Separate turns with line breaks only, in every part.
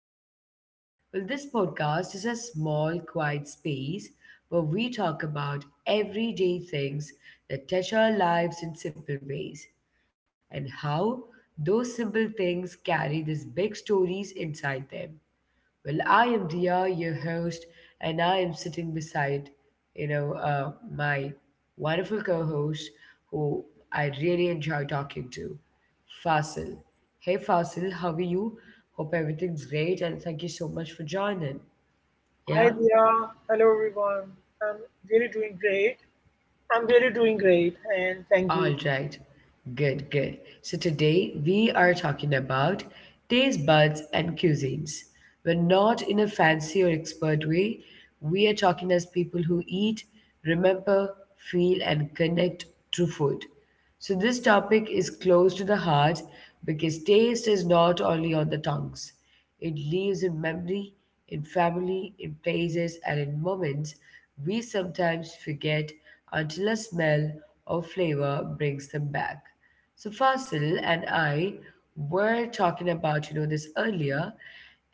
today. This podcast is a small, quiet space where we talk about everyday things that touch our lives in simple ways and how those simple things carry these big stories inside them. I am Dia, your host, and I am sitting beside, my wonderful co-host, who I really enjoy talking to, Fasil. Hey, Fasil, how are you? Hope everything's great, and thank you so much for joining.
Hi
Yeah.
Dia, hello everyone. I'm really doing great. I'm really doing great, and thank
All
you.
right. Good, good, so today we are talking about taste buds and cuisines. We're not in a fancy or expert way. We are talking as people who eat, remember, feel, and connect through food. So this topic is close to the heart because taste is not only on the tongues, it lives in memory, in family, in places, and in moments we sometimes forget until a smell or flavor brings them back. So, Fasil and I were talking about this earlier,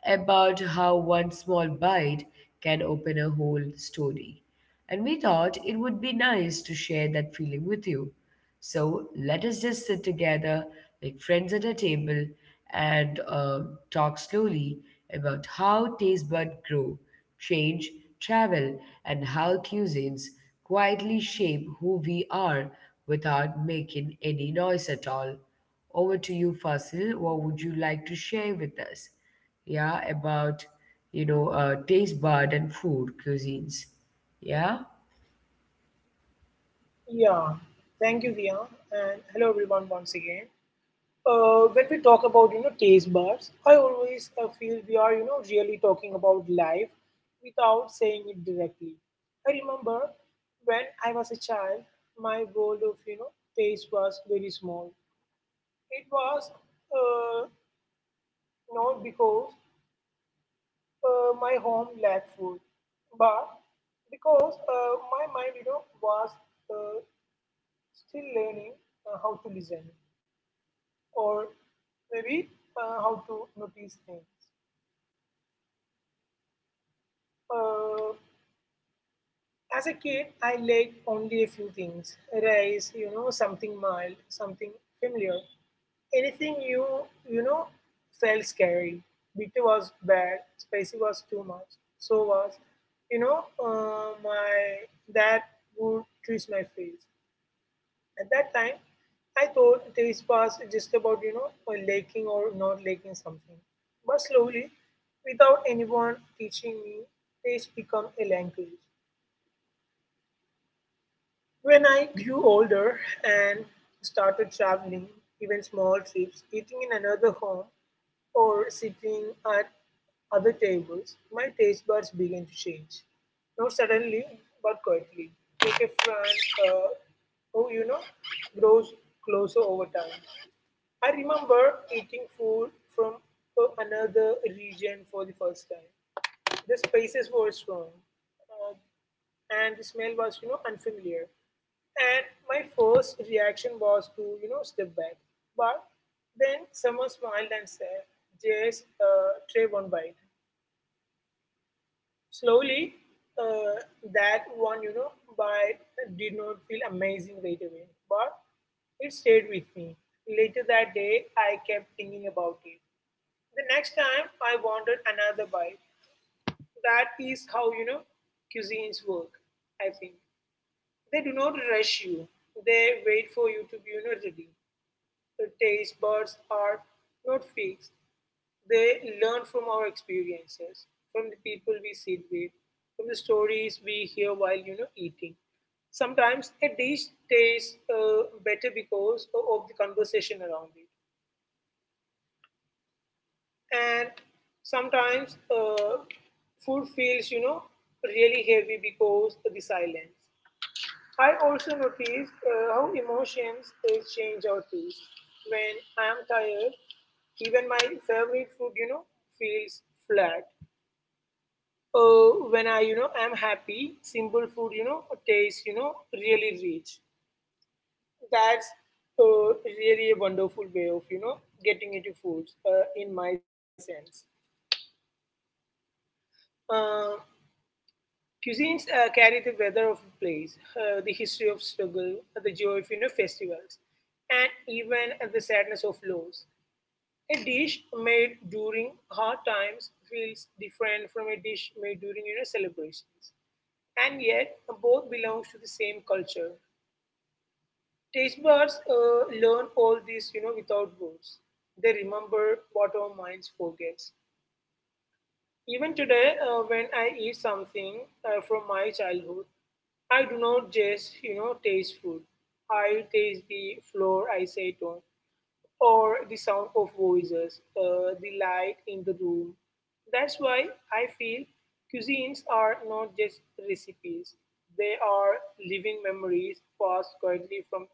about how one small bite can open a whole story. And we thought it would be nice to share that feeling with you. So let us just sit together like friends at a table and talk slowly about how taste buds grow, change, travel, and how cuisines quietly shape who we are without making any noise at all. Over to you, Fasil. What would you like to share with us? Yeah, about taste bud and food cuisines. Yeah,
Yeah, thank you Dia, and hello everyone once again. When we talk about taste buds, I always feel we are really talking about life without saying it directly. I remember when I was a child, my world of taste was very small. It was uh, not because my home lacked food, but because my mind, was uh, still learning how to listen, or maybe how to notice things. Uh, as a kid, I liked only a few things: rice, you know, something mild, something familiar. Anything you you know felt scary. Bitter was bad, spicy was too much. So was, my dad would twist my face. At that time, I thought taste was just about liking or not liking something. But slowly, without anyone teaching me, taste become a language. When I grew older and started traveling, even small trips, eating in another home or sitting at other tables, my taste buds began to change. Not suddenly, but quietly. Take a friend uh, who, grows closer over time. I remember eating food from another region for the first time. The spices were strong, uh, and the smell was, unfamiliar. And my first reaction was to, step back. But then someone smiled and said, just try one bite. Slowly, uh, that one, bite did not feel amazing right away, but it stayed with me. Later that day, I kept thinking about it. The next time, I wanted another bite. That is how, cuisines work, I think. They do not rush you. They wait for you to be, ready. The taste buds are not fixed. They learn from our experiences, from the people we sit with, from the stories we hear while, eating. Sometimes a dish tastes better because of the conversation around it. And sometimes food feels really heavy because of the silence. I also notice how emotions change our taste when I am tired. Even my favorite food feels flat when I am happy. Simple food tastes really rich. That's uh, really a wonderful way of getting into foods in my sense. Uh, Cuisines uh, carry the weather of a place, the history of struggle, the joy of festivals, and even the sadness of loss. A dish made during hard times feels different from a dish made during celebrations, and yet both belongs to the same culture. Taste buds learn all this without words. They remember what our minds forgets. Even today, when I eat something from my childhood, I do not just, taste food. I taste the floor I sit on, or the sound of voices, the light in the room. That's why I feel cuisines are not just recipes, they are living memories passed quietly from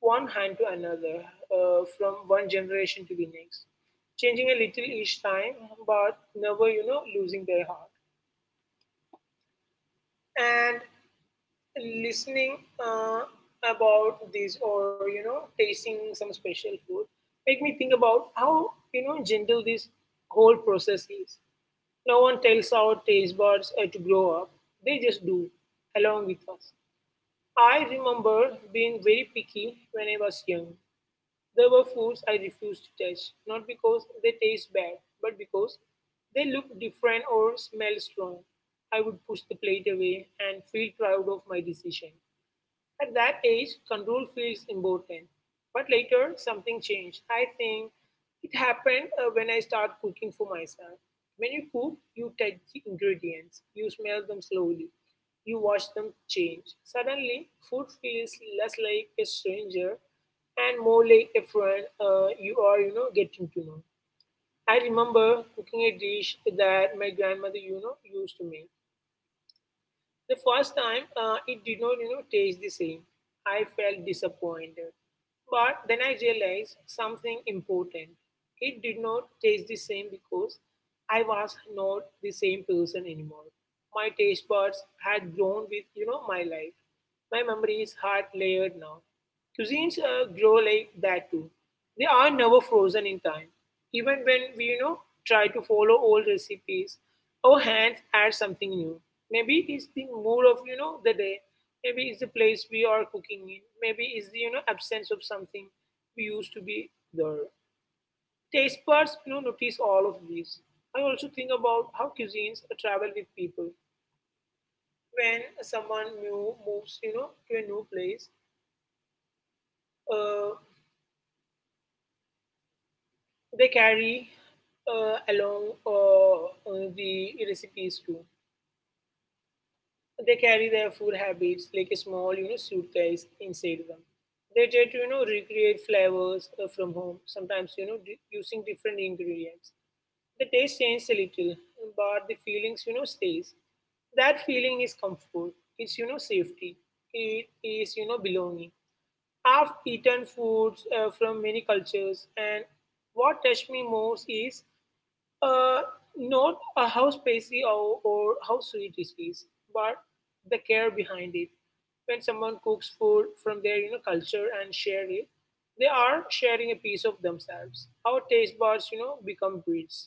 one hand to another, from one generation to the next, changing a little each time, but never, losing their heart. And listening uh, about this or tasting some special food make me think about how gentle this whole process is. No one tells our taste buds to grow up. They just do along with us. I remember being very picky when I was young. There were foods I refused to touch not because they taste bad but because they look different or smell strong. I would push the plate away and feel proud of my decision. At that age, control feels important. But later, something changed. I think it happened when I started cooking for myself. When you cook, you touch the ingredients, you smell them slowly, you watch them change. Suddenly, food feels less like a stranger and more like a friend you are, getting to know. I remember cooking a dish that my grandmother, used to make. The first time, it did not, taste the same. I felt disappointed. But then I realized something important. It did not taste the same because I was not the same person anymore. My taste buds had grown with, my life. My memories had layered now. Cuisines grow like that too. They are never frozen in time. Even when we, try to follow old recipes, our hands add something new. Maybe it's the mood of, the day. Maybe it's the place we are cooking in. Maybe it's the, absence of something we used to be there. Taste buds, notice all of these. I also think about how cuisines travel with people. When someone new moves, to a new place, uh, they carry along the recipes too. They carry their food habits like a small, suitcase inside them. They try to, recreate flavors from home. Sometimes, using different ingredients. The taste changes a little, but the feelings, stays. That feeling is comfort. It's, safety. It is, belonging. I've eaten foods from many cultures, and what touched me most is uh, not how spicy or how sweet it is, but the care behind it. When someone cooks food from their culture and share it, they are sharing a piece of themselves. Our taste buds, become bridges.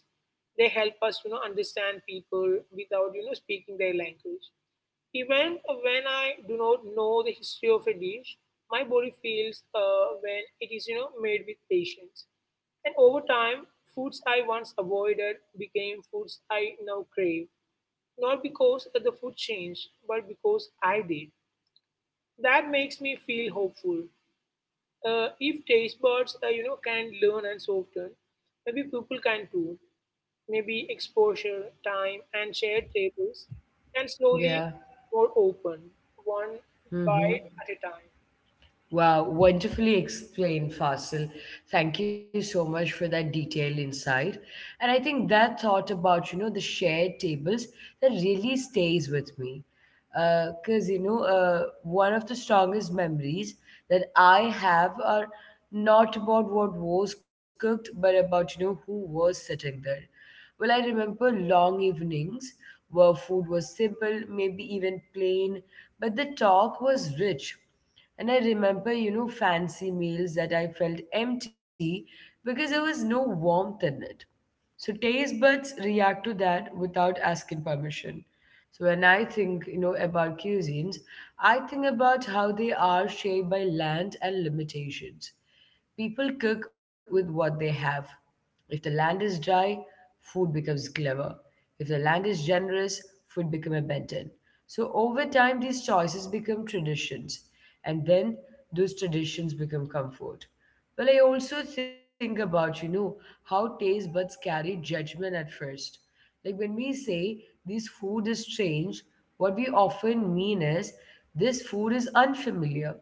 They help us, understand people without speaking their language. Even when I do not know the history of a dish, my body feels when it is, made with patience. And over time, foods I once avoided became foods I now crave, not because the food changed, but because I did. That makes me feel hopeful. If taste buds, can learn and soften, maybe people can too. Maybe exposure, time, and shared tables can slowly
yeah.
more open one
Mm-hmm.
bite at a time.
Wow, wonderfully explained, Fasil. Thank you so much for that detailed insight. And I think that thought about, you know, the shared tables, that really stays with me. Because, one of the strongest memories that I have are not about what was cooked, but about, who was sitting there. I remember long evenings where food was simple, maybe even plain, but the talk was rich. And I remember, you know, fancy meals that I felt empty because there was no warmth in it. So taste buds react to that without asking permission. So when I think, you know, about cuisines, I think about how they are shaped by land and limitations. People cook with what they have. If the land is dry, food becomes clever. If the land is generous, food becomes abundant. So over time, these choices become traditions, and then those traditions become comfort. I also think about, you know, how taste buds carry judgment at first. Like when we say this food is strange, what we often mean is this food is unfamiliar.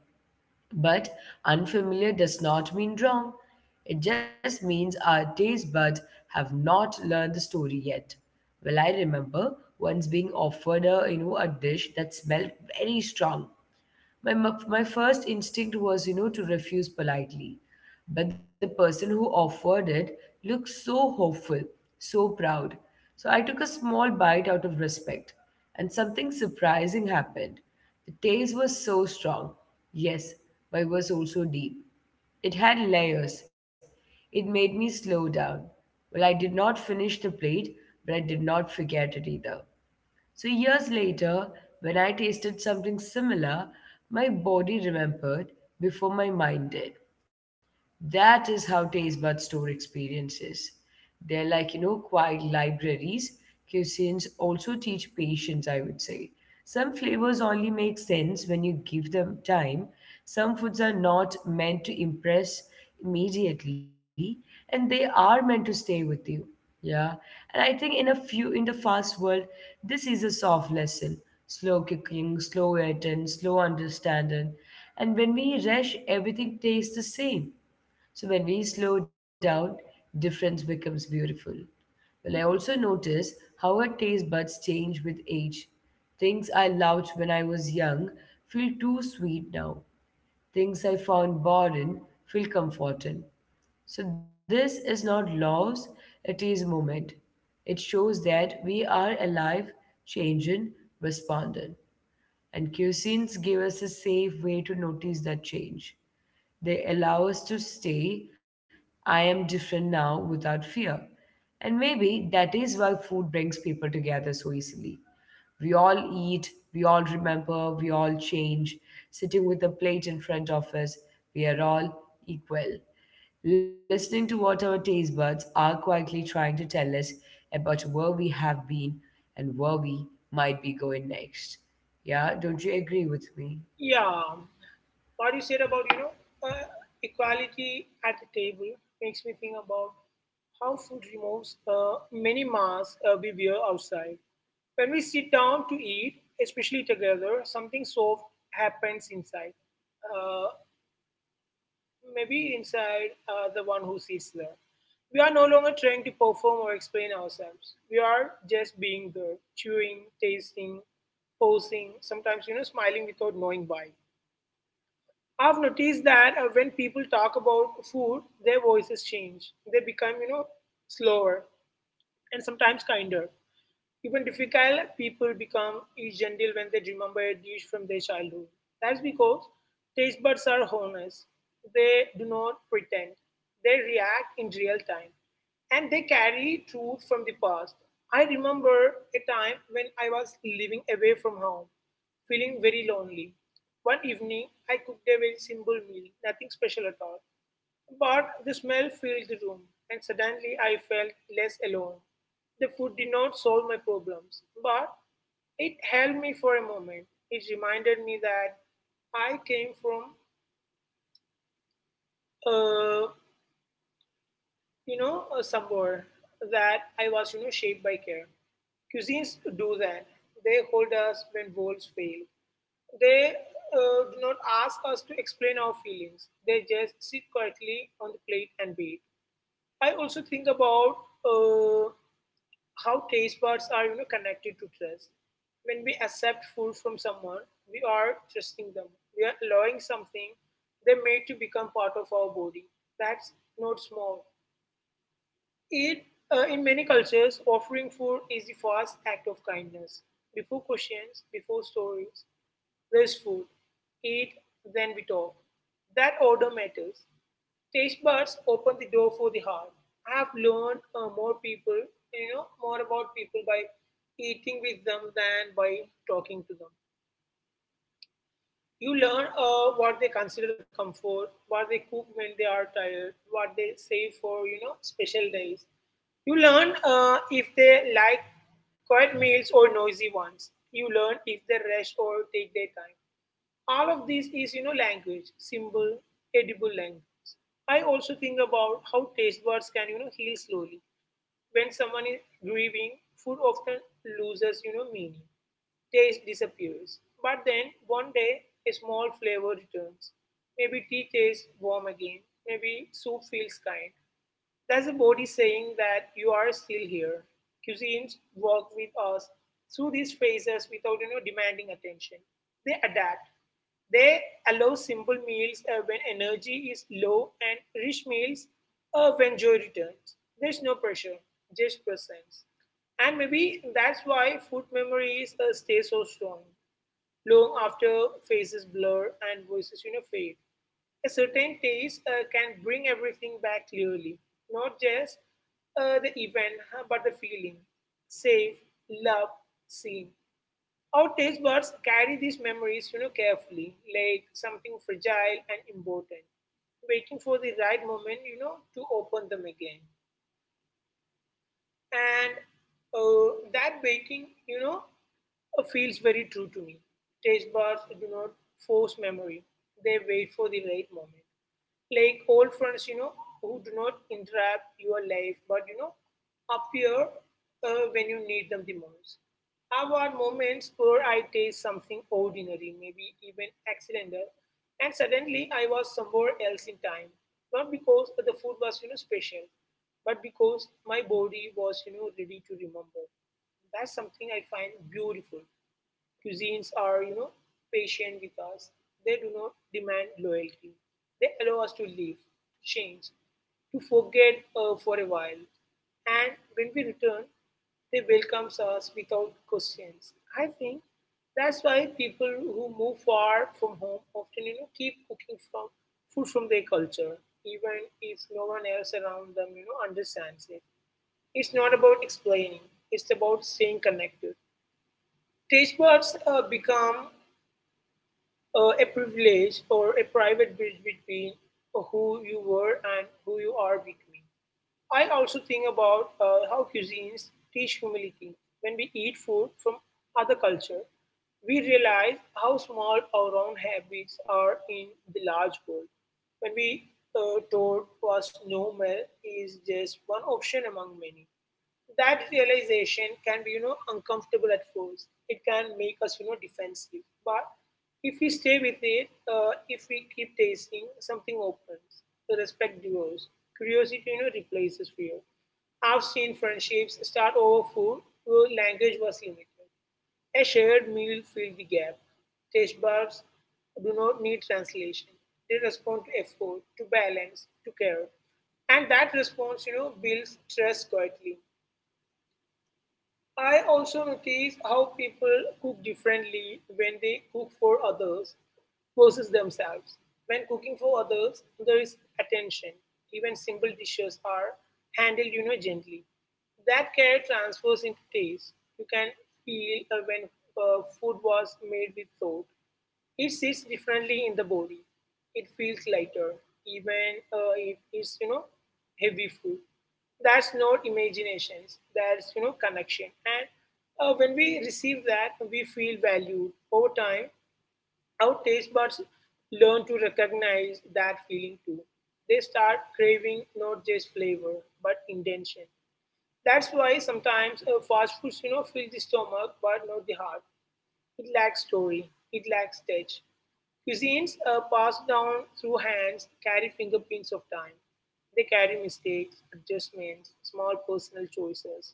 But unfamiliar does not mean wrong. It just means our taste buds have not learned the story yet. I remember once being offered a, you know, a dish that smelled very strong. My, my first instinct was, you know, to refuse politely. But the person who offered it looked so hopeful, so proud. So I took a small bite out of respect, and something surprising happened. The taste was so strong, yes, but it was also deep. It had layers. It made me slow down. I did not finish the plate, but I did not forget it either. So, years later, when I tasted something similar, my body remembered before my mind did. That is how taste bud store experiences. They're like, you know, quiet libraries. Cuisines also teach patience, I would say. Some flavors only make sense when you give them time. Some foods are not meant to impress immediately, and they are meant to stay with you. Yeah. And I think in a few in the fast world, this is a soft lesson. Slow cooking, slow eating, slow understanding. And when we rush, everything tastes the same. So when we slow down, difference becomes beautiful. I also notice how our taste buds change with age. Things I loved when I was young feel too sweet now. Things I found boring feel comforting. So this is not loss, it is moment. It shows that we are alive, changing, responding. And cuisines give us a safe way to notice that change. They allow us to stay, I am different now without fear. And maybe that is why food brings people together so easily. We all eat, we all remember, we all change. Sitting with a plate in front of us, we are all equal. Listening to what our taste buds are quietly trying to tell us about where we have been and where we might be going next. Yeah, don't you agree with me?
Yeah, what you said about uh, equality at the table makes me think about how food removes many masks we wear outside. When we sit down to eat, especially together, something soft happens inside. Uh, Maybe inside the one who sits there. We are no longer trying to perform or explain ourselves. We are just being there, chewing, tasting, posing, sometimes, smiling without knowing why. I've noticed that when people talk about food, their voices change. They become, slower and sometimes kinder. Even difficult people become gentle when they remember a dish from their childhood. That's because taste buds are honest. They do not pretend. They react in real time. And they carry truth from the past. I remember a time when I was living away from home, feeling very lonely. One evening, I cooked a very simple meal, nothing special at all. But the smell filled the room, and suddenly I felt less alone. The food did not solve my problems, but it held me for a moment. It reminded me that I came from, uh, somewhere, that I was, shaped by care. Cuisines do that. They hold us when worlds fail. They do not ask us to explain our feelings. They just sit quietly on the plate and wait. I also think about uh, how taste buds are connected to trust. When we accept food from someone, we are trusting them. We are allowing something they made to become part of our body. That's not small. It In many cultures, offering food is the first act of kindness. Before questions, before stories, waste food. Eat, then we talk. That order matters. Taste buds open the door for the heart. I have learned more about people by eating with them than by talking to them. You learn what they consider comfort, what they cook when they are tired, what they save for, special days. You learn if they like quiet meals or noisy ones. You learn if they rest or take their time. All of this is language, simple edible language. I also think about how taste buds can heal slowly. When someone is grieving, food often loses meaning. Taste disappears, but then one day a small flavor returns. Maybe tea tastes warm again, maybe soup feels kind. That's a body saying that you are still here. Cuisines work with us through these phases without demanding attention. They adapt. They allow simple meals when energy is low and rich meals when joy returns. There's no pressure, just presence. And maybe that's why food memories stay so strong. Long after faces blur and voices fade, a certain taste can bring everything back clearly, not just the event, huh, but the feeling. Safe, love, seen. Our taste buds carry these memories, you know, carefully, like something fragile and important, waiting for the right moment, you know, to open them again. And that baking, you know, feels very true to me. Taste bars do not force memory, they wait for the right moment like old friends, you know, who do not interrupt your life, but you know, appear when you need them the most. I've had moments where I taste something ordinary, maybe even accidental, and suddenly I was somewhere else in time. Not because the food was, you know, special, but because my body was, you know, ready to remember. That's something I find beautiful. Cuisines are, you know, patient with us. They do not demand loyalty. They allow us to live, change, to forget for a while. And when we return, they welcomes us without questions. I think that's why people who move far from home often, you know, keep cooking from food from their culture, even if no one else around them, you know, understands it. It's not about explaining. It's about staying connected. Taste buds become a privilege or a private bridge between who you were and who you are becoming. I also think about how cuisines teach humility. When we eat food from other culture, we realize how small our own habits are in the large world. When we told was normal is just one option among many, that realization can be, you know, uncomfortable at first. It can make us, you know, defensive, but if we stay with it, if we keep tasting, something opens. The respect grows, curiosity, you know, replaces fear. I've seen friendships start over food where language was limited. A shared meal filled the gap. Taste buds do not need translation. They respond to effort, to balance, to care. And that response, you know, builds trust quietly. I also notice how people cook differently when they cook for others versus themselves. When cooking for others, there is attention. Even simple dishes are handled, you know, gently. That care transfers into taste. You can feel when food was made with thought. It sits differently in the body. It feels lighter, even if it's, you know, heavy food. That's not imaginations, that's, you know, connection. And when we receive that, we feel valued. Over time, our taste buds learn to recognize that feeling too. They start craving not just flavor, but intention. That's why sometimes fast foods, you know, fill the stomach but not the heart. It lacks story, it lacks touch. Cuisines are passed down through hands, carry fingerprints of time. They carry mistakes, adjustments, small personal choices,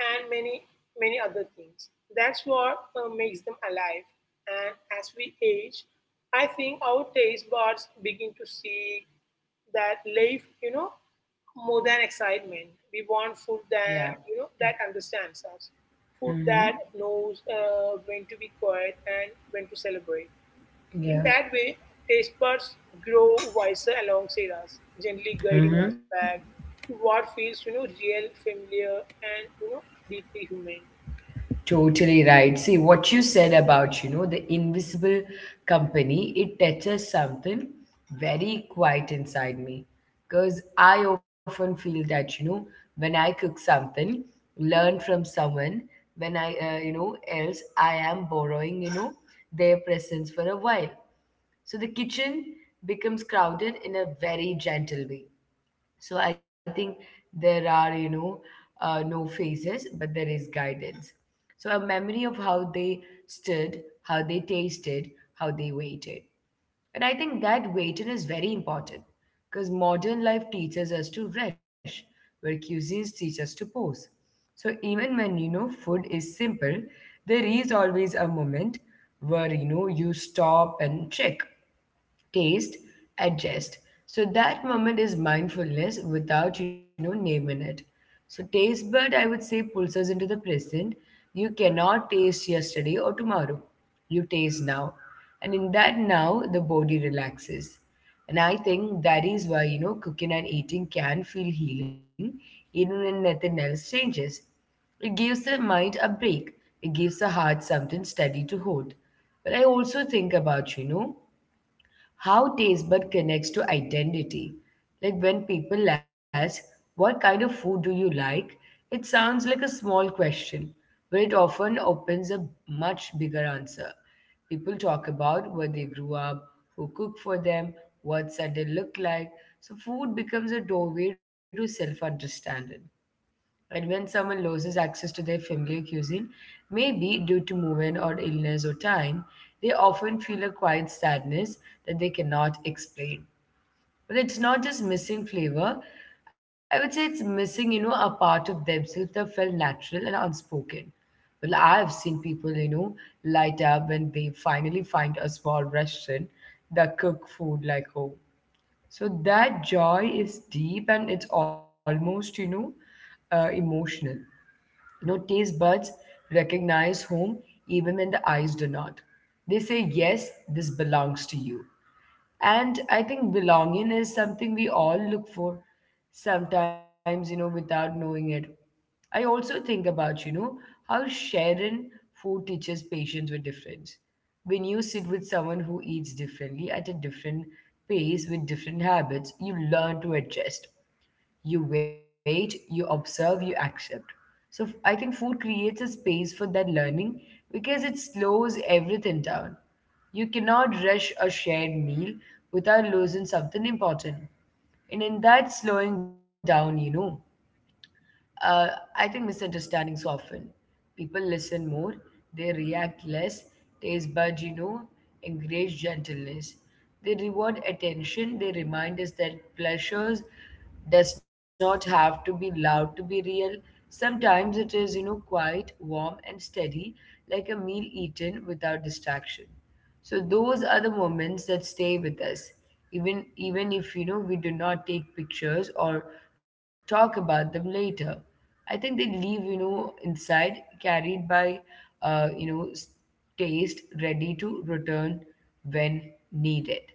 and many, many other things. That's what makes them alive. And as we age, I think our taste buds begin to see that life, you know, more than excitement. We want food that,
Yeah.
you know, that understands us, food
Mm-hmm.
that knows when to be quiet and when to celebrate. In
Yeah.
that way, taste buds grow wiser alongside us, gently guiding
Mm-hmm.
us back to what feels, you know, real, familiar, and, you know, deeply human.
Totally right. See what you said about, you know, the invisible company. It touches something very quiet inside me, because I often feel that, you know, when I cook something, learn from someone. When I you know, else I am borrowing, you know, their presence for a while. So the kitchen becomes crowded in a very gentle way. So I think there are, no phases, but there is guidance. So a memory of how they stood, how they tasted, how they waited. And I think that waiting is very important because modern life teaches us to rush, where cuisines teach us to pause. So even when, you know, food is simple, there is always a moment where, you know, you stop and check taste, adjust. So that moment is mindfulness without, you know, naming it. So taste bud, I would say, pulls us into the present. You cannot taste yesterday or tomorrow. You taste now. And in that now, the body relaxes. And I think that is why, you know, cooking and eating can feel healing even when nothing else changes. It gives the mind a break. It gives the heart something steady to hold. But I also think about, you know, how taste bud connects to identity. Like when people ask, "What kind of food do you like?" it sounds like a small question, but it often opens a much bigger answer. People talk about where they grew up, who cooked for them, what Sunday looked like. So food becomes a doorway to self understanding. And when someone loses access to their familiar cuisine, maybe due to movement or illness or time, they often feel a quiet sadness that they cannot explain. But it's not just missing flavor. I would say it's missing, you know, a part of themselves that felt natural and unspoken. I've seen people, you know, light up when they finally find a small restaurant that cook food like home. So that joy is deep and it's almost, emotional. You know, taste buds recognize home even when the eyes do not. They say, yes, this belongs to you. And I think belonging is something we all look for sometimes, you know, without knowing it. I also think about, you know, how sharing food teaches patience with difference. When you sit with someone who eats differently at a different pace with different habits, you learn to adjust. You wait, you observe, you accept. So I think food creates a space for that learning because it slows everything down. You cannot rush a shared meal without losing something important. And in that slowing down, uh, I think misunderstandings often. People listen more, they react less, taste buds, you know, encourage gentleness. They reward attention, they remind us that pleasures does not have to be loud to be real. Sometimes it is, you know, quiet, warm, and steady, like a meal eaten without distraction. So those are the moments that stay with us, even if, you know, we do not take pictures or talk about them later. I think they leave, you know, inside, carried by uh, you know s- taste, ready to return when needed.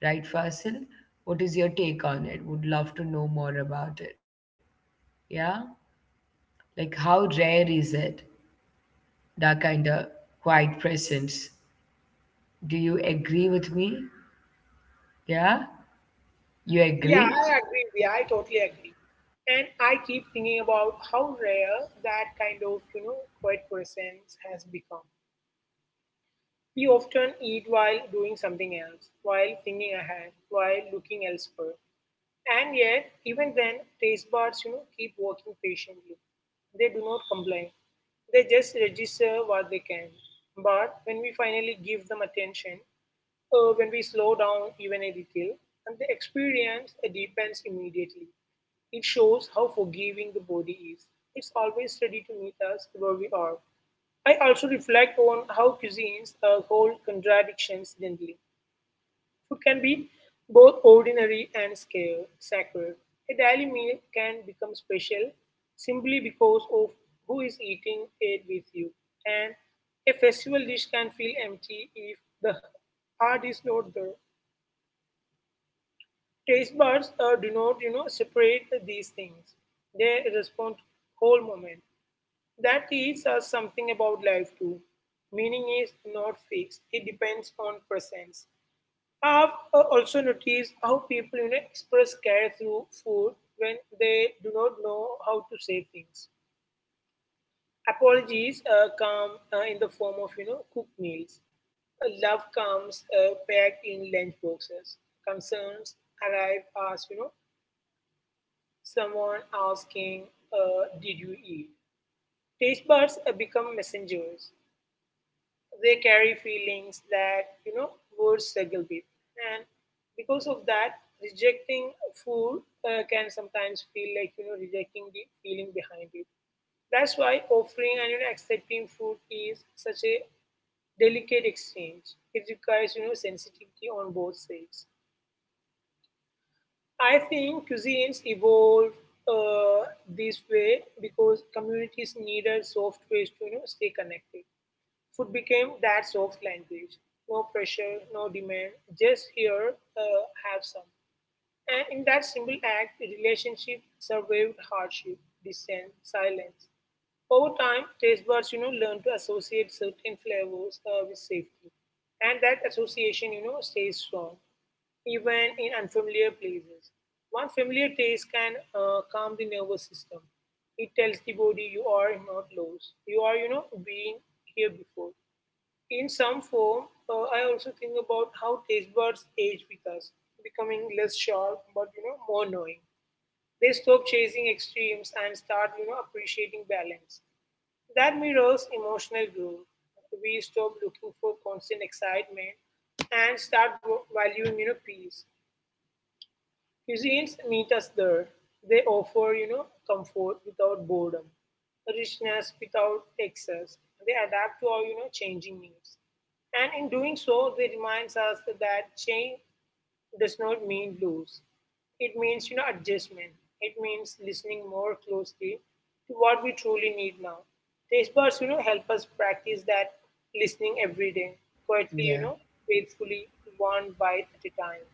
Right, Fasil? What is your take on it? Would love to know more about it. Yeah, like how rare is it, that kind of quiet presence? Do you agree with me? Yeah. You
Yeah, I
agree?
agree with you. I totally agree. And I keep thinking about how rare that kind of, you know, quiet presence has become. We often eat while doing something else, while thinking ahead, while looking elsewhere. And yet, even then, taste buds, you know, keep working patiently. They do not complain. They just register what they can. But when we finally give them attention, when we slow down even a little, and the experience deepens immediately. It shows how forgiving the body is. It's always ready to meet us where we are. I also reflect on how cuisines hold contradictions gently. Food can be both ordinary and sacred. A daily meal can become special simply because of who is eating it with you, and a festival dish can feel empty if the heart is not there. Taste buds do not, you know, separate these things. They respond to whole moment. That teaches us something about life too. Meaning is not fixed, it depends on presence. I've also noticed how people, you know, express care through food when they do not know how to say things. Apologies come in the form of, you know, cooked meals. Love comes packed in lunch boxes. Concerns arrive as, you know, someone asking, "Did you eat?" Taste buds become messengers. They carry feelings that, you know, words struggle with. And because of that, rejecting food can sometimes feel like, you know, rejecting the feeling behind it. That's why offering and, you know, accepting food is such a delicate exchange. It requires, you know, sensitivity on both sides. I think cuisines evolve uh, this way because communities needed soft ways to, you know, stay connected. Food became that soft language. No pressure, no demand, just here, have some. And in that simple act, the relationship survived hardship, dissent, silence. Over time, taste buds, you know, learn to associate certain flavors with safety. And that association, you know, stays strong, even in unfamiliar places. One familiar taste can calm the nervous system. It tells the body you are not lost. You are, you know, being here before. In some form, I also think about how taste buds age with us, becoming less sharp but, you know, more knowing. They stop chasing extremes and start, you know, appreciating balance. That mirrors emotional growth. We stop looking for constant excitement and valuing, you know, peace. Cuisines meet us there. They offer, you know, comfort without boredom, richness without excess. They adapt to our, you know, changing needs. And in doing so, they reminds us that change does not mean lose. It means, you know, adjustment. It means listening more closely to what we truly need now. Taste buds, you know, help us practice that listening every day, quietly, you know,
Yeah.
faithfully, one bite at a time.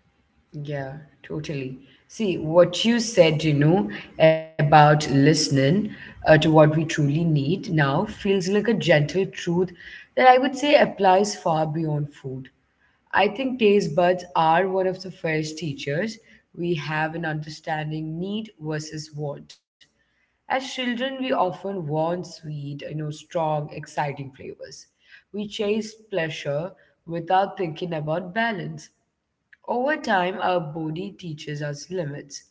Yeah, totally. See, what you said, you know, about listening to what we truly need now feels like a gentle truth that I would say applies far beyond food. I think taste buds are one of the first teachers we have in understanding need versus want. As children, we often want sweet, you know, strong, exciting flavors. We chase pleasure without thinking about balance. Over time, our body teaches us limits.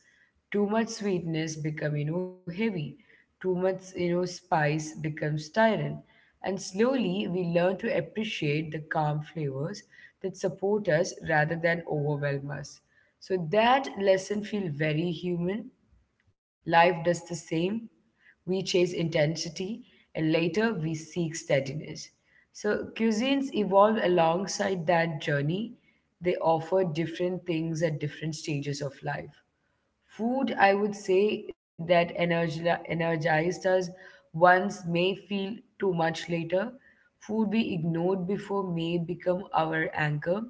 Too much sweetness becomes, you know, heavy. Too much, you know, spice becomes tyrant. And slowly, we learn to appreciate the calm flavors that support us rather than overwhelm us. So that lesson feels very human. Life does the same. We chase intensity and later we seek steadiness. So cuisines evolve alongside that journey. They offer different things at different stages of life. Food, I would say, that energized us once may feel too much later. Food we ignored before may become our anchor.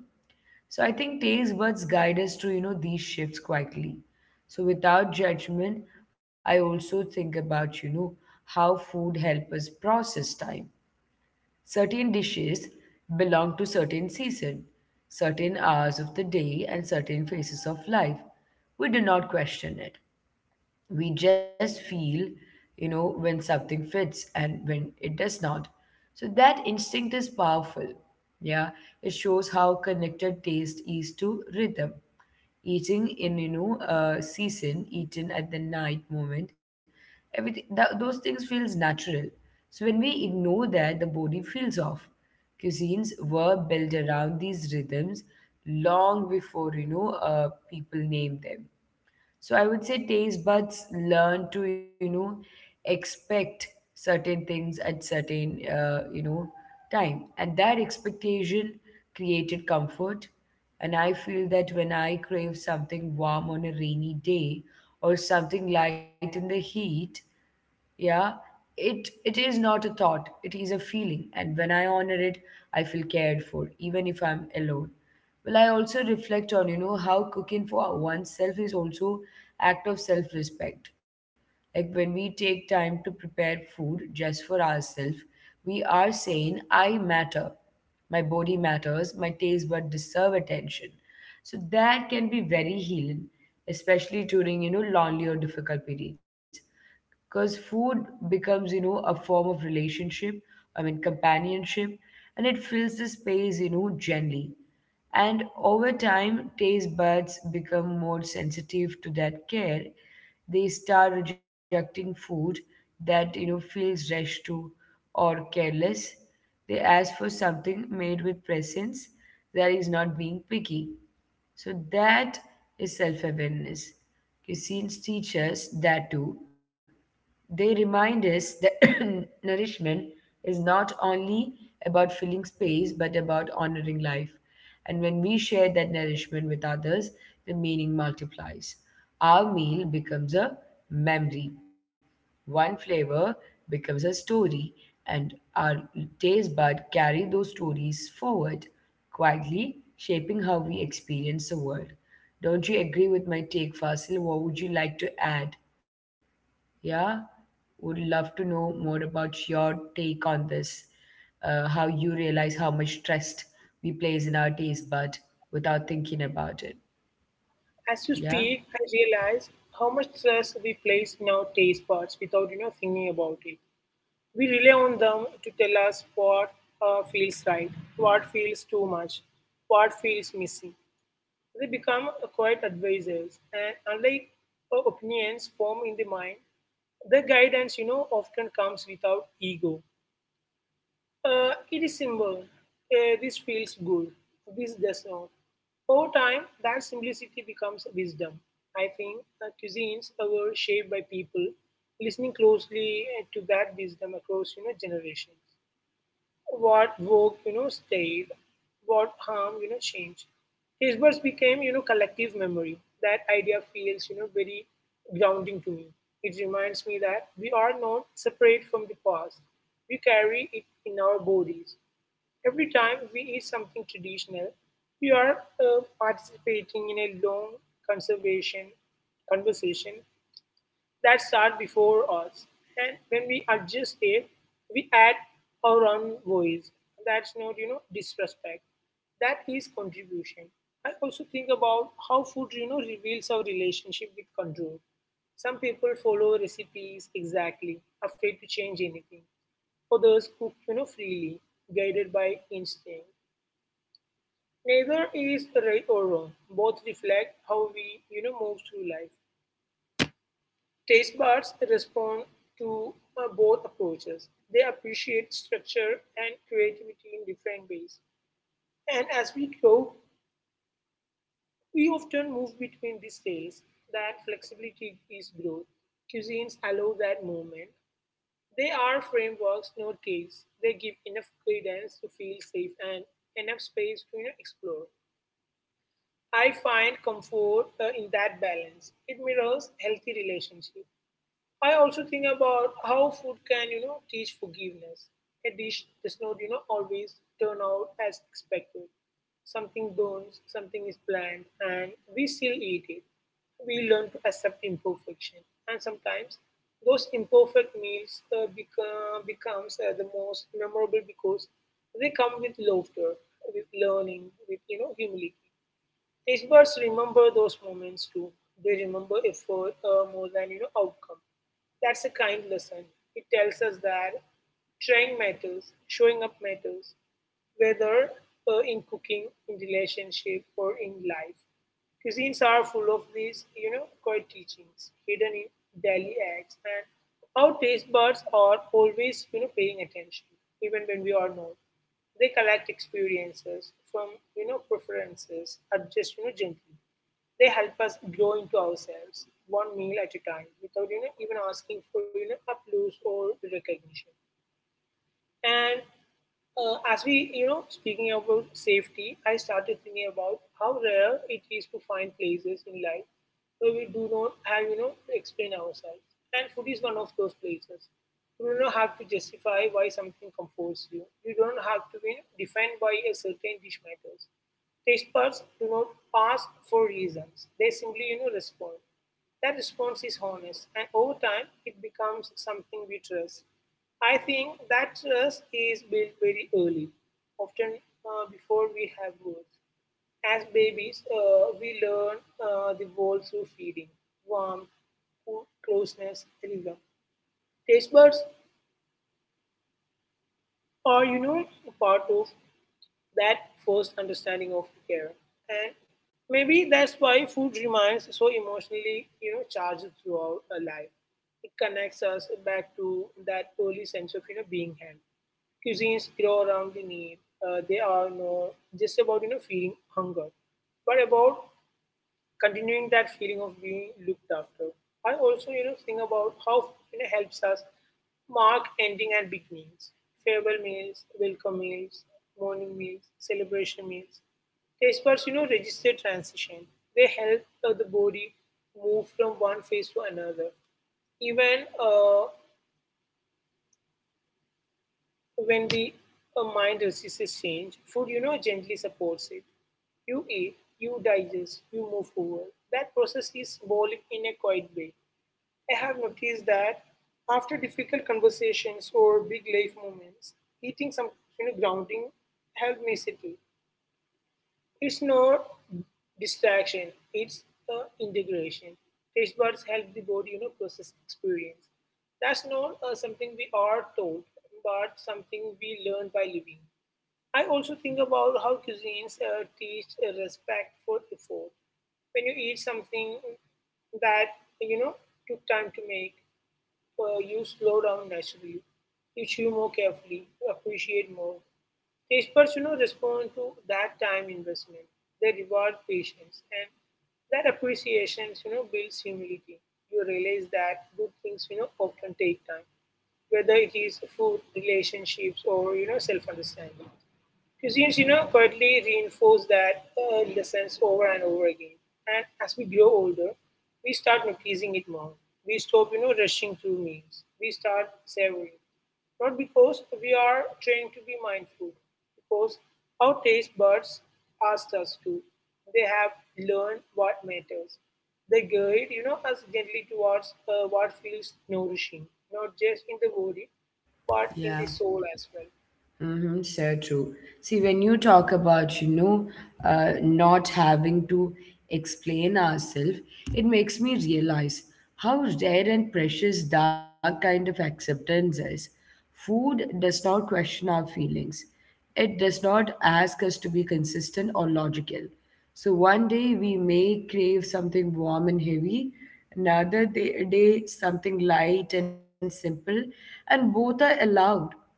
So I think taste buds guide us to, these shifts quietly. So without judgment, I also think about, how food help us process time. Certain dishes belong to certain season, certain hours of the day and certain phases of life. We do not question it, we just feel, you know, when something fits and when it does not. So that instinct is powerful, yeah. It shows how connected taste is to rhythm, eating in, you know, a season, eaten at the night moment. Everything that, those things feels natural. So when we ignore that, the body feels off. Cuisines were built around these rhythms long before people named them. So I would say taste buds learn to, expect certain things at certain, time. And that expectation created comfort. And I feel that when I crave something warm on a rainy day or something light in the heat, yeah, it is not a thought, it is a feeling, and when I honor it, I feel cared for even if I'm alone. Well, I also reflect on, you know, how cooking for oneself is also act of self respect. Like when we take time to prepare food just for ourselves, we are saying I matter, my body matters, my taste bud deserve attention. So that can be very healing, especially during, you know, lonely or difficult periods, because food becomes, you know, a form of relationship. I mean companionship. And it fills the space, you know, gently. And over time, taste buds become more sensitive to that care. They start rejecting food that, you know, feels rushed to or careless. They ask for something made with presence. That is not being picky. So that is self awareness. Cuisines teach us that too. They remind us that nourishment is not only about filling space, but about honoring life. And when we share that nourishment with others, the meaning multiplies. Our meal becomes a memory, one flavor becomes a story, and our taste bud carry those stories forward, quietly shaping how we experience the world. Don't you agree with my take, Fasil? What would you like to add? Yeah, would love to know more about your take on this. How you realize how much trust we place in our taste bud without thinking about it.
As you speak,
Yeah,
I realize how much stress we place in our taste buds without, you know, thinking about it. We rely on them to tell us what feels right, what feels too much, what feels missing. They become quite advisors, and unlike opinions formed in the mind, the guidance, you know, often comes without ego. It is simple. This feels good. This does not. Over time, that simplicity becomes wisdom. I think cuisines were shaped by people listening closely to that wisdom across, you know, generations. What worked, you know, stayed. What harm, you know, changed. His words became, you know, collective memory. That idea feels, you know, very grounding to me. It reminds me that we are not separate from the past. We carry it in our bodies. Every time we eat something traditional, we are participating in a long conservation conversation that start before us. And when we adjust it, we add our own voice. That's not, you know, disrespect. That is contribution. I also think about how food, you know, reveals our relationship with control. Some people follow recipes exactly, afraid to change anything. Others cook, you know, freely, guided by instinct. Neither is right or wrong. Both reflect how we, you know, move through life. Taste buds respond to both approaches. They appreciate structure and creativity in different ways. And as we grow, we often move between these states. That flexibility is growth. Cuisines allow that movement. They are frameworks, not caves. They give enough guidance to feel safe and enough space to, you know, explore. I find comfort in that balance. It mirrors healthy relationships. I also think about how food can, you know, teach forgiveness. A dish does not, you know, always turn out as expected. Something burns, something is bland, and we still eat it. We learn to accept imperfection, and sometimes those imperfect meals becomes the most memorable because they come with laughter, with learning, with, you know, humility. These birds remember those moments too. They remember effort more than, you know, outcome. That's a kind lesson. It tells us that trying matters, showing up matters, whether in cooking, in relationship, or in life. Cuisines are full of these, you know, quiet teachings hidden in daily acts, and our taste buds are always, you know, paying attention, even when we are not. They collect experiences from, you know, preferences, adjust, you know, gently. They help us grow into ourselves, one meal at a time, without, even asking for, applause or recognition. And as we, you know, speaking about safety, I started thinking about how rare it is to find places in life where we do not have, to explain ourselves. And food is one of those places. You do not have to justify why something comforts you. You don't have to be defined by a certain dish matters. Tastebuds do not ask for reasons, they simply respond. That response is honest, and over time it becomes something we trust. I think that trust is built very early, often before we have words. As babies, we learn the world through feeding, warmth, food, closeness, and rhythm. Taste buds are, a part of that first understanding of care. And maybe that's why food remains so emotionally, charged throughout our life. It connects us back to that early sense of, being held. Cuisines grow around the need. They are not just about, feeling hunger, but about continuing that feeling of being looked after. I also, think about how it helps us mark ending and beginnings, farewell meals, welcome meals, morning meals, celebration meals. Taste buds, register transition. They help the body move from one phase to another. Even when the mind resists change, food, gently supports it. You eat, you digest, you move forward. That process is symbolic in a quiet way. I have noticed that after difficult conversations or big life moments, eating some grounding helped me settle. It's not distraction, it's the integration. Taste buds help the body, process experience. That's not something we are told, but something we learn by living. I also think about how cuisines teach a respect for effort. When you eat something that you know took time to make, you slow down naturally. You chew more carefully, you appreciate more. The Experts, respond to that time investment. They reward patience, and that appreciation, builds humility. You realize that good things, often take time, whether it is food, relationships, or self-understanding. Cuisines, quietly reinforce that lessons over and over again. And as we grow older, we start noticing it more. We stop, rushing through meals. We start savoring. Not because we are trained to be mindful, because our taste buds asked us to. They have learned what matters. They guide, us gently towards what feels nourishing, not just in the body, but in
yeah.
the soul as well.
Mm-hmm, so true. See, when you talk about, not having to explain ourselves, it makes me realize how rare and precious that kind of acceptance is. Food does not question our feelings, it does not ask us to be consistent or logical. So one day we may crave something warm and heavy, another day something light and simple, and both are allowed.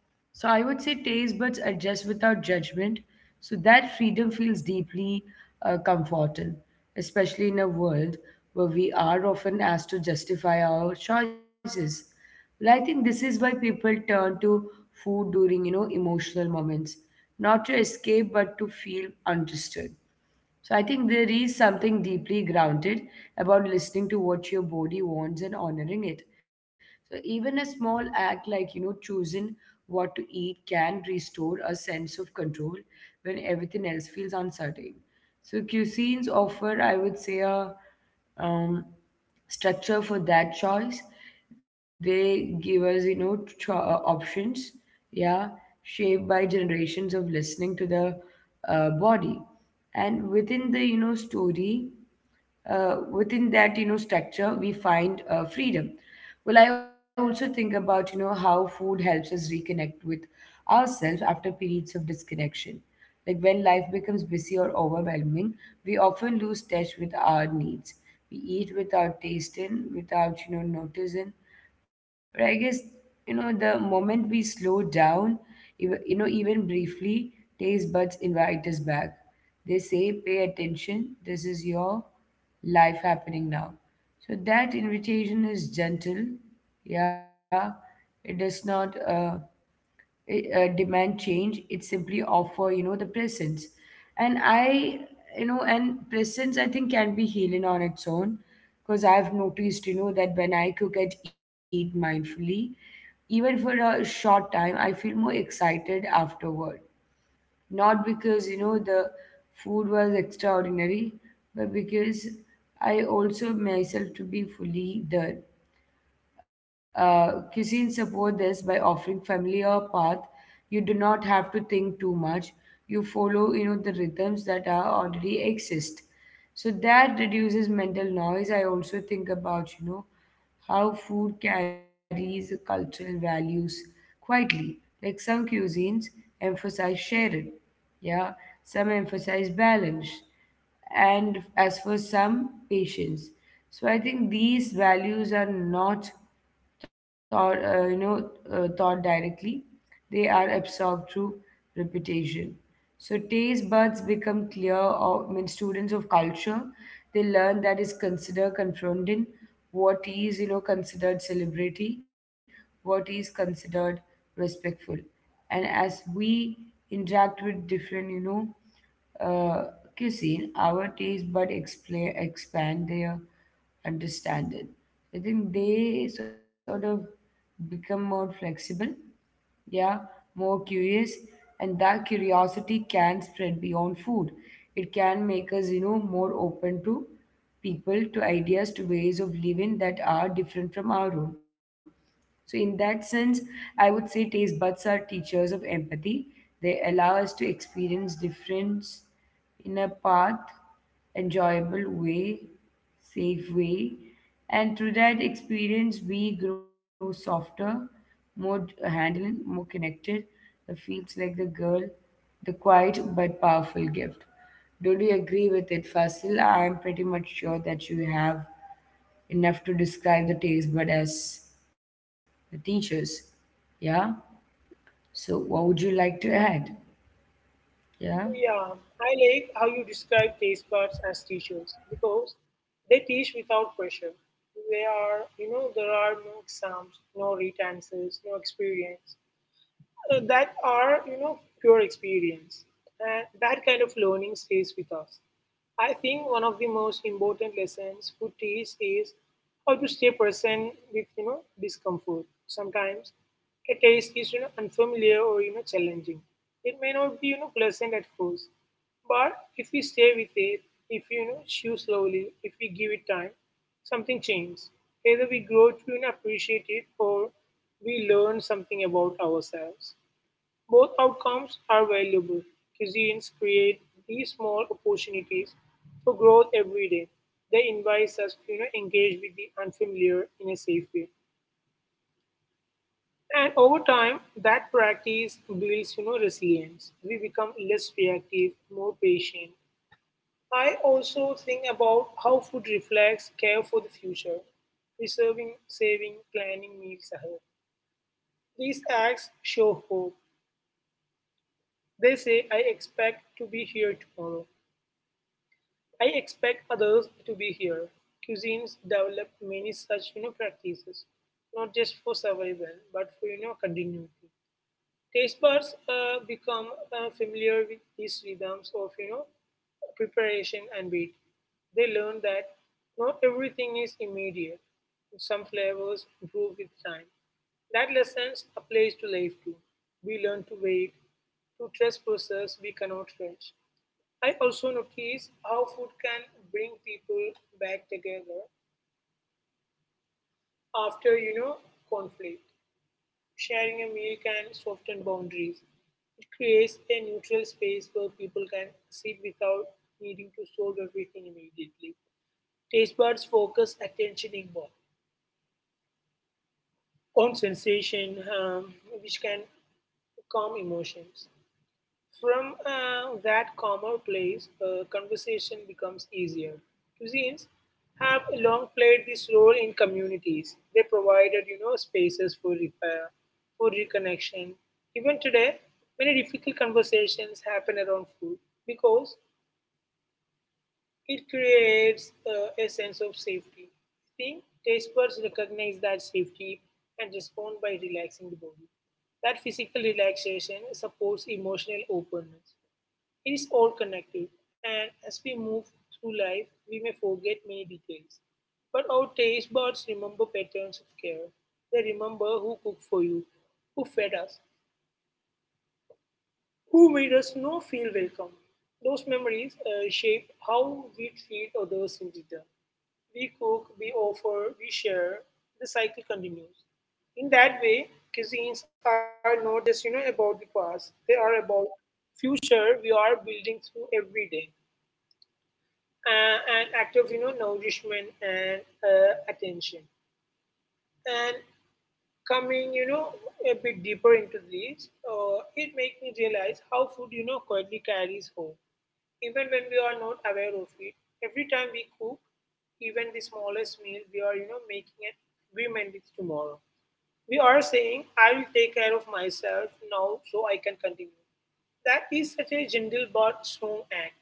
So I would say taste buds adjust without judgment. So that freedom feels deeply comforting, especially in a world where we are often asked to justify our choices. Well, I think this is why people turn to food during, emotional moments, not to escape, but to feel understood. So I think there is something deeply grounded about listening to what your body wants and honoring it. So even a small act like, choosing what to eat can restore a sense of control when everything else feels uncertain. So cuisines offer, I would say, a um, structure for that choice. They give us, options, yeah, shaped by generations of listening to the body. And within the, within that, you know, structure we find freedom. Well, I also think about, you know, how food helps us reconnect with ourselves after periods of disconnection. Like when life becomes busy or overwhelming, we often lose touch with our needs. We eat without tasting, without, you know, noticing. But I guess, the moment we slow down, even briefly, taste buds invite us back. They say, pay attention, this is your life happening now. So that invitation is gentle, yeah. It does not demand change, it simply offer, you know, the presence. And i you know and presence, I think, can be healing on its own, because I've noticed, you know, that when I cook and eat mindfully, even for a short time, I feel more excited afterward. Not because, you know, the food was extraordinary, but because I also myself to be fully there. Cuisine support this by offering familiar path. You do not have to think too much. You follow, the rhythms that are already exist. So that reduces mental noise. I also think about, how food carries cultural values quietly. Like some cuisines emphasize sharing, yeah, some emphasize balance, and as for some, patience. So I think these values are not thought directly, they are absorbed through repetition. So taste buds become clear. Or, I mean, students of culture, they learn that is considered confronting, what is, you know, considered celebrity, what is considered respectful, and as we interact with different know uh, cuisine, our taste bud explain expand their understanding. I think they sort of become more flexible, yeah, more curious, and that curiosity can spread beyond food. It can make us, more open to people, to ideas, to ways of living that are different from our own. So, in that sense, I would say taste buds are teachers of empathy. They allow us to experience difference in a path, enjoyable way, safe way. And through that experience, we grow softer, handling, more connected. It feels like the girl, the quiet but powerful gift. Don't you agree with it, Fasil? I'm pretty much sure that you have enough to describe the taste, but as the teachers, yeah? So, what would you like to add? Yeah?
Yeah, I like how you describe taste buds as teachers because they teach without pressure. They are, there are no exams, no written answers, no experience that are pure experience. And that kind of learning stays with us. I think one of the most important lessons food teach is how to stay present with discomfort. Sometimes a taste is unfamiliar or challenging. It may not be pleasant at first, but if we stay with it, if you, you know chew slowly, if we give it time, something changes. Either we grow to you appreciate it, or we learn something about ourselves. Both outcomes are valuable. Cuisines create these small opportunities for growth every day. They invite us to engage with the unfamiliar in a safe way. And over time, that practice builds, resilience. We become less reactive, more patient. I also think about how food reflects care for the future, preserving, saving, planning meals ahead. These acts show hope. They say, I expect to be here tomorrow. I expect others to be here. Cuisines develop many such practices, not just for survival, but for continuity. Taste buds become familiar with these rhythms of preparation and wait. They learn that not everything is immediate. Some flavors improve with time. That lesson applies to life too. We learn to wait, to trust process we cannot rush. I also notice how food can bring people back together after conflict. Sharing a meal can soften boundaries. It creates a neutral space where people can sit without needing to solve everything immediately. Taste buds focus attention in inward on sensation, which can calm emotions. From that calmer place, conversation becomes easier. Cuisines have long played this role in communities. They provided, spaces for repair, for reconnection. Even today, many difficult conversations happen around food because it creates a sense of safety. Think taste buds recognize that safety and respond by relaxing the body. That physical relaxation supports emotional openness. It is all connected, and as we move through life, we may forget many details. But our taste buds remember patterns of care. They remember who cooked for you, who fed us, who made us not feel welcome. Those memories shape how we treat others in return. We cook, we offer, we share. The cycle continues. In that way, cuisines are not just about the past; they are about future we are building through every day. An act of nourishment and attention. And coming a bit deeper into this, it makes me realize how food quietly carries home, even when we are not aware of it. Every time we cook, even the smallest meal, we are making an agreement with tomorrow. We are saying, I will take care of myself now so I can continue. That is such a gentle but strong act,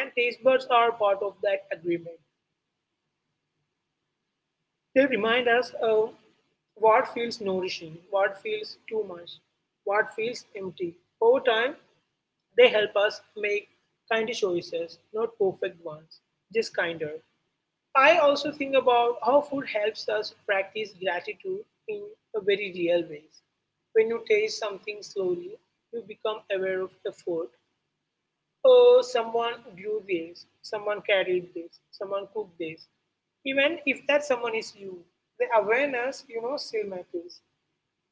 and taste buds are part of that agreement. They remind us of what feels nourishing, what feels too much, what feels empty. Over time, they help us make kind choices, not perfect ones, just kinder. I also think about how food helps us practice gratitude in a very real way. When you taste something slowly, you become aware of the food. Oh, someone grew this, someone carried this, someone cooked this. Even if that someone is you, the awareness, still matters.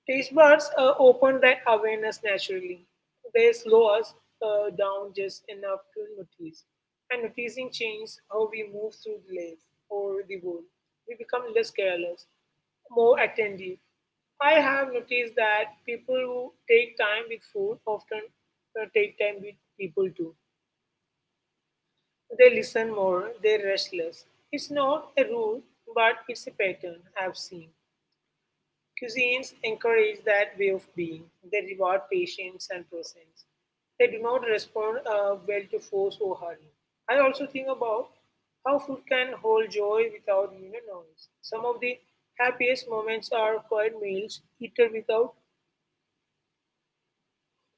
Taste buds open that awareness naturally. They slow us down just enough to notice. And noticing changes how we move through life or the world. We become less careless, more attentive. I have noticed that people who take time with food often take time with people too. They listen more, they're restless. It's not a rule, but it's a pattern I've seen. Cuisines encourage that way of being. They reward patience and presence. They do not respond well to force or hurry. I also think about how food can hold joy without noise. Some of the happiest moments are quiet meals eaten without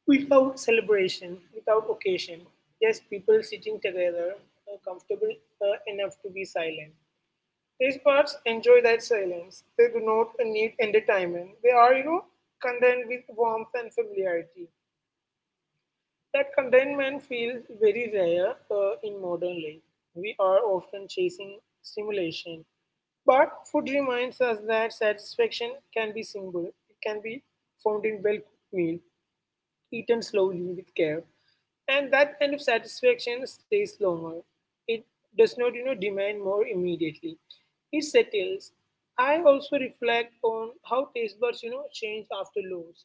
without celebration, without occasion. Just people sitting together, comfortable enough to be silent. Tastebuds enjoy that silence; they do not need entertainment. They are, content with warmth and familiarity. That contentment feels very rare in modern life. We are often chasing stimulation. But food reminds us that satisfaction can be simple. It can be found in well cooked meal, eaten slowly with care, and that kind of satisfaction stays longer. It does not, demand more immediately. It settles. I also reflect on how taste buds, change after loss.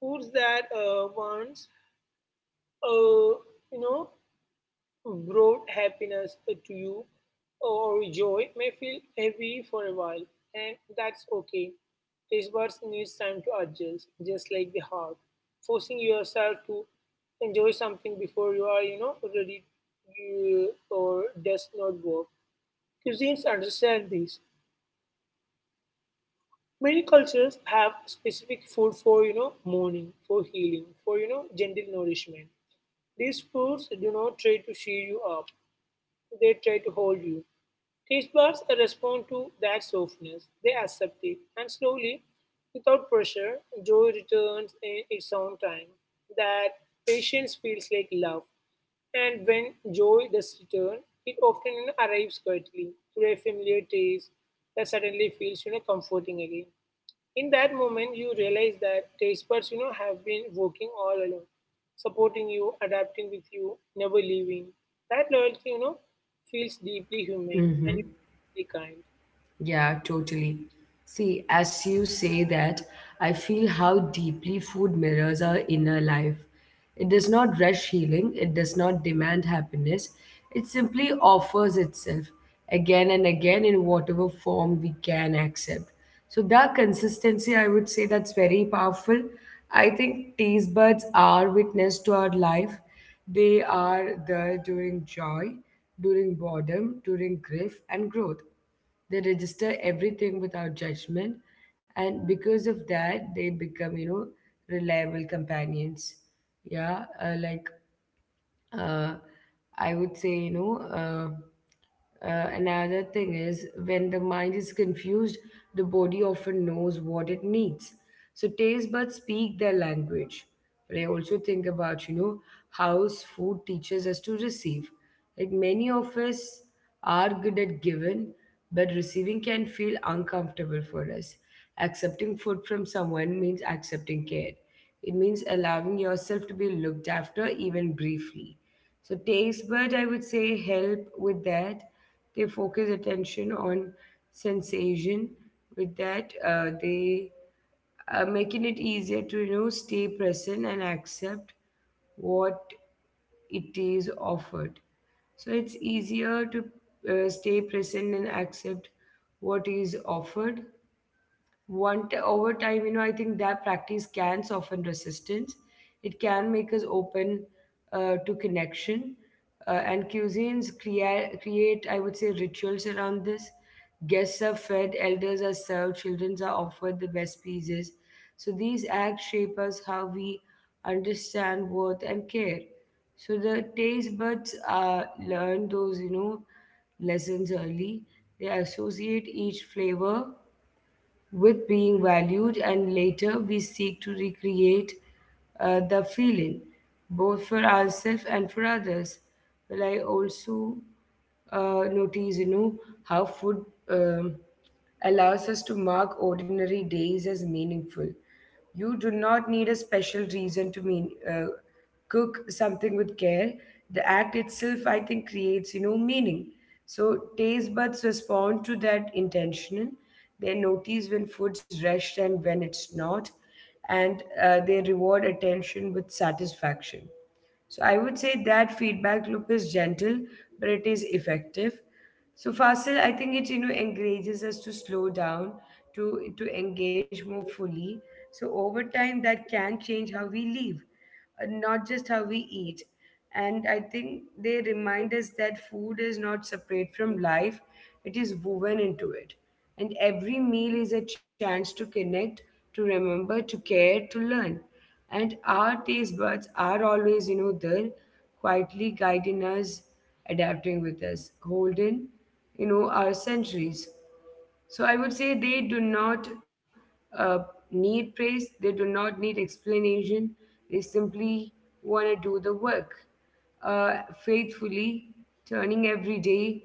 Foods that once, uh, you know, brought happiness to you or joy may feel heavy for a while, and that's okay. Taste buds needs time to adjust, just like the heart. Forcing yourself to enjoy something before you are, ready you, or does not work. Cuisines understand this. Many cultures have specific food for, mourning, for healing, for, gentle nourishment. These foods do not try to cheer you up. They try to hold you. Taste buds respond to that softness, they accept it, and slowly, without pressure, joy returns in its own time. That patience feels like love, and when joy does return, it often arrives quietly through a familiar taste that suddenly feels comforting again. In that moment you realize that taste buds have been working all along, supporting you, adapting with you, never leaving. That loyalty feels deeply humane and
Mm-hmm.
deeply kind.
Yeah, totally. See, as you say that, I feel how deeply food mirrors our inner life. It does not rush healing, it does not demand happiness, it simply offers itself again and again in whatever form we can accept. So, that consistency, I would say that's very powerful. I think taste buds are witness to our life. They are there during joy, during boredom, during grief, and growth. They register everything without judgment, and because of that, they become, reliable companions. Yeah, uh, I would say, another thing is when the mind is confused, the body often knows what it needs. So taste buds speak their language. But I also think about, how food teaches us to receive. Like many of us are good at giving, but receiving can feel uncomfortable for us. Accepting food from someone means accepting care. It means allowing yourself to be looked after, even briefly. So, taste bud, I would say, help with that. They focus attention on sensation. With that, they making it easier to, you know, stay present and accept what it is offered. So it's easier to stay present and accept what is offered want. Over time, you know, I think that practice can soften resistance, it can make us open to connection. And cuisines create, I would say, rituals around this. Guests are fed, elders are served, children are offered the best pieces. So these acts shape us how we understand worth and care. So the taste buds learn those, you know, lessons early. They associate each flavor with being valued, and later we seek to recreate the feeling, both for ourselves and for others. Well, I also notice, how food allows us to mark ordinary days as meaningful. You do not need a special reason to mean cook something with care. The act itself, I think, creates, you know, meaning. So taste buds respond to that intention. They notice when food's rushed and when it's not, and they reward attention with satisfaction. So I would say that feedback loop is gentle, but it is effective. So Fasil, I think it, you know, encourages us to slow down, to engage more fully. So over time, that can change how we live, not just how we eat. And I think they remind us that food is not separate from life; it is woven into it. And every meal is a chance to connect, to remember, to care, to learn, and our taste buds are always, you know, there, quietly guiding us, adapting with us, holding, you know, our centuries. So I would say they do not uh, need praise, they do not need explanation, they simply want to do the work faithfully, turning everyday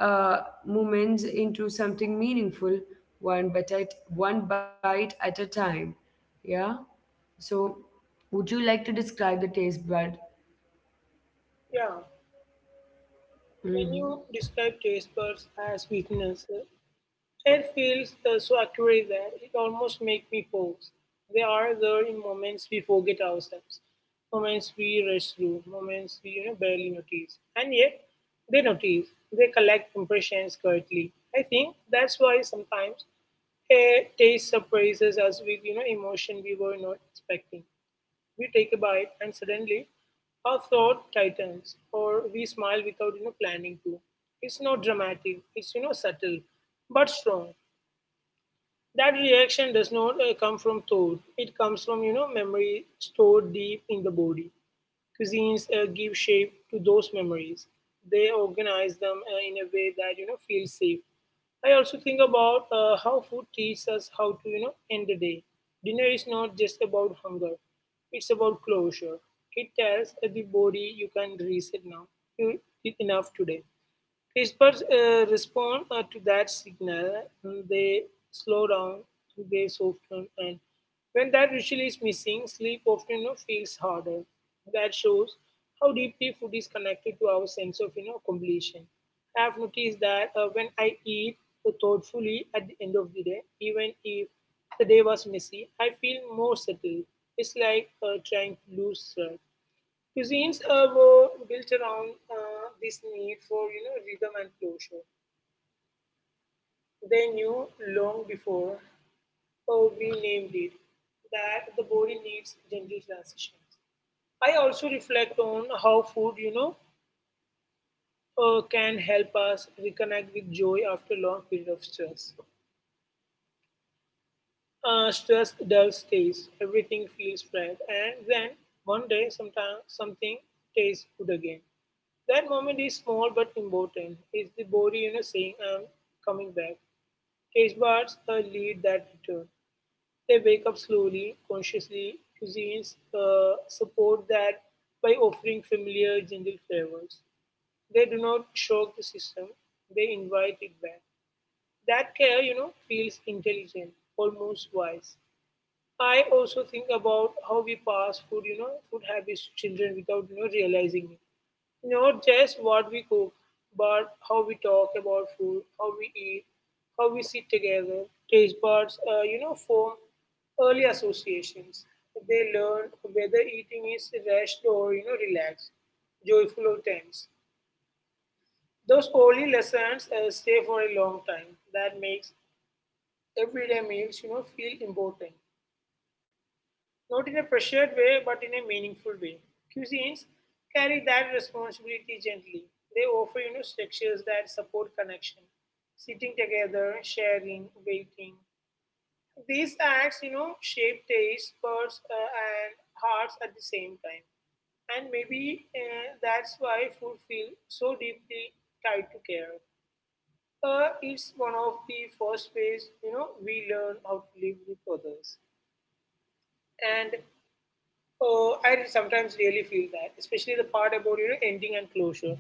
moments into something meaningful, one bite at a time. Yeah. So, would you like to describe the taste bud?
Yeah, when you
Mhm.
describe taste buds as sweetness, it feels so accurate that it almost makes me pause. They are there in moments we forget ourselves, moments we rush through, moments we barely notice, and yet they notice. They collect impressions correctly. I think that's why sometimes a taste surprises us with emotion we were not expecting. We take a bite and suddenly our throat tightens, or we smile without planning to. It's not dramatic. It's subtle, but strong. That reaction does not come from thought. It comes from memory stored deep in the body. Cuisines give shape to those memories. They organize them in a way that feels safe. I also think about how food teaches us how to end the day. Dinner is not just about hunger, it's about closure. It tells the body you can reset now. You did enough today. Experts respond to that signal, and they slow down, they soften, and when that usually is missing, sleep often feels harder. That shows how deeply food is connected to our sense of completion. I have noticed that when I eat thoughtfully at the end of the day, even if the day was messy, I feel more settled. It's like trying to lose track. Cuisines were built around this need for rhythm and closure. They knew long before we named it that the body needs gentle transitions. I also reflect on how food can help us reconnect with joy after long period of stress. Stress does taste. Everything feels right. And then one day, sometime, something tastes good again. That moment is small but important. It's the body saying, I'm coming back. Taste buds lead that return. They wake up slowly, consciously. Cuisines support that by offering familiar, gentle flavors. They do not shock the system, they invite it back. That care, feels intelligent, almost wise. I also think about how we pass food, food habits to children without, realizing it. Not just what we cook, but how we talk about food, how we eat, how we sit together. Taste buds, form early associations. They learn whether eating is rushed or, relaxed, joyful or tense. Those early lessons stay for a long time. That makes everyday meals, feel important, not in a pressured way, but in a meaningful way. Cuisines carry that responsibility gently. They offer, structures that support connection, sitting together, sharing, waiting. These acts, shape tastes, birds, and hearts at the same time. And maybe that's why food feels so deeply tied to care. It's one of the first ways, we learn how to live with others. And I sometimes really feel that, especially the part about ending and closure,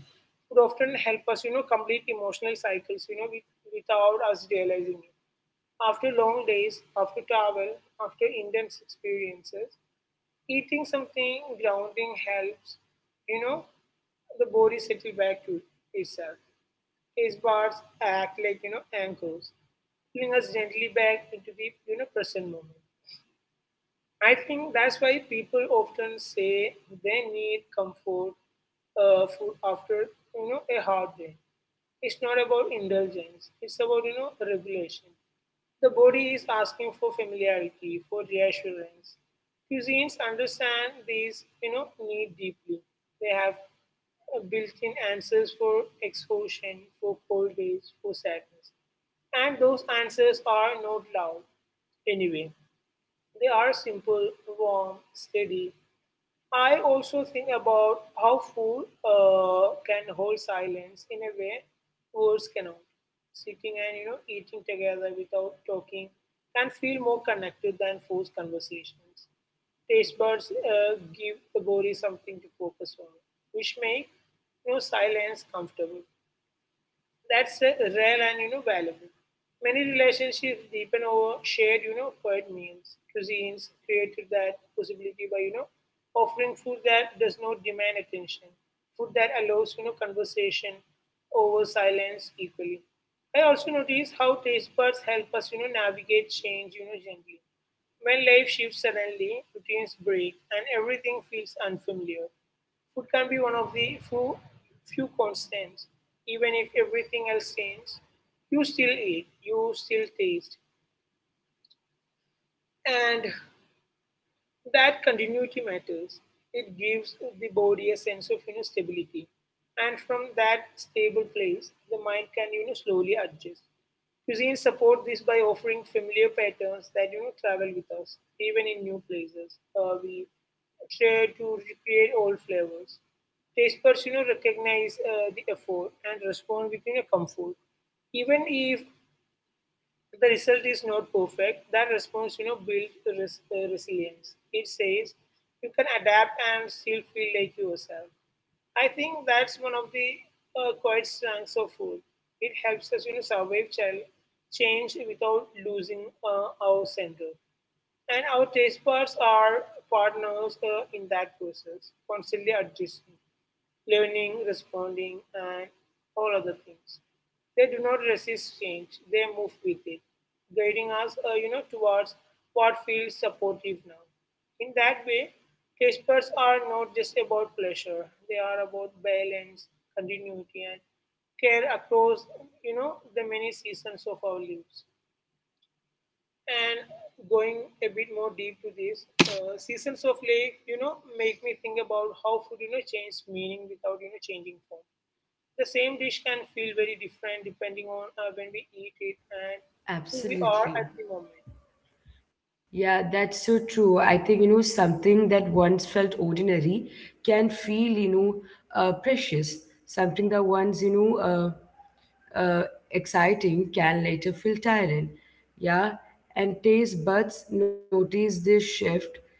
would often help us complete emotional cycles with, without us realizing it. After long days, after travel, after intense experiences, eating something grounding helps you know the body settle back to itself. Taste buds act like anchors, pulling us gently back into the present moment. I think that's why people often say they need comfort food after a hard day. It's not about indulgence. It's about regulation. The body is asking for familiarity, for reassurance. Cuisines understand these need deeply. They have built-in answers for exhaustion, for cold days, for sadness, and those answers are not loud anyway. They are simple, warm, steady. I also think about how food can hold silence in a way words cannot. Sitting and eating together without talking can feel more connected than forced conversations. Taste buds give the body something to focus on, which make silence comfortable. That's rare and valuable. Many relationships deepen over shared, quiet meals. Cuisines created that possibility by, offering food that does not demand attention. Food that allows, conversation over silence equally. I also notice how taste buds help us, navigate change, gently. When life shifts suddenly, routines break and everything feels unfamiliar. Food can be one of the few constants. Even if everything else changes, you still eat, you still taste, and that continuity matters. It gives the body a sense of stability. And from that stable place, the mind can slowly adjust. Cuisine support this by offering familiar patterns that travel with us, even in new places. We try to recreate old flavors. Taste buds, recognize the effort and respond with comfort. Even if the result is not perfect, that response, builds resilience. It says you can adapt and still feel like yourself. I think that's one of the quiet strengths of food. It helps us, survive change without losing our center. And our taste buds are partners in that process, constantly adjusting, learning, responding, and all other things. They do not resist change; they move with it, guiding us, towards what feels supportive now. In that way, taste buds are not just about pleasure; they are about balance, continuity, and care across, the many seasons of our lives. And going a bit more deep to this, seasons of lake, make me think about how food, changes meaning without, changing form. The same dish can feel very different depending on when we eat it and who we are at the
Absolutely.
moment.
Yeah, that's so true. I think, something that once felt ordinary can feel, precious. Something that once, exciting can later feel tiring. Yeah. And taste buds notice this shift,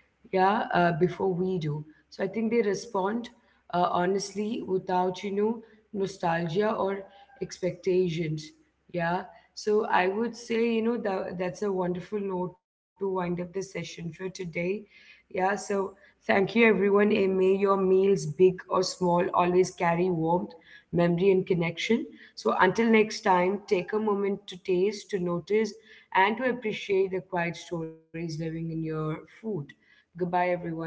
yeah, before we do. So I think they respond honestly without, nostalgia or expectations. Yeah. So I would say, that's a wonderful note to wind up the session for today. Yeah. So thank you, everyone. And may your meals, big or small, always carry warmth, memory, and connection. So, until next time, take a moment to taste, to notice, and to appreciate the quiet stories living in your food. Goodbye, everyone.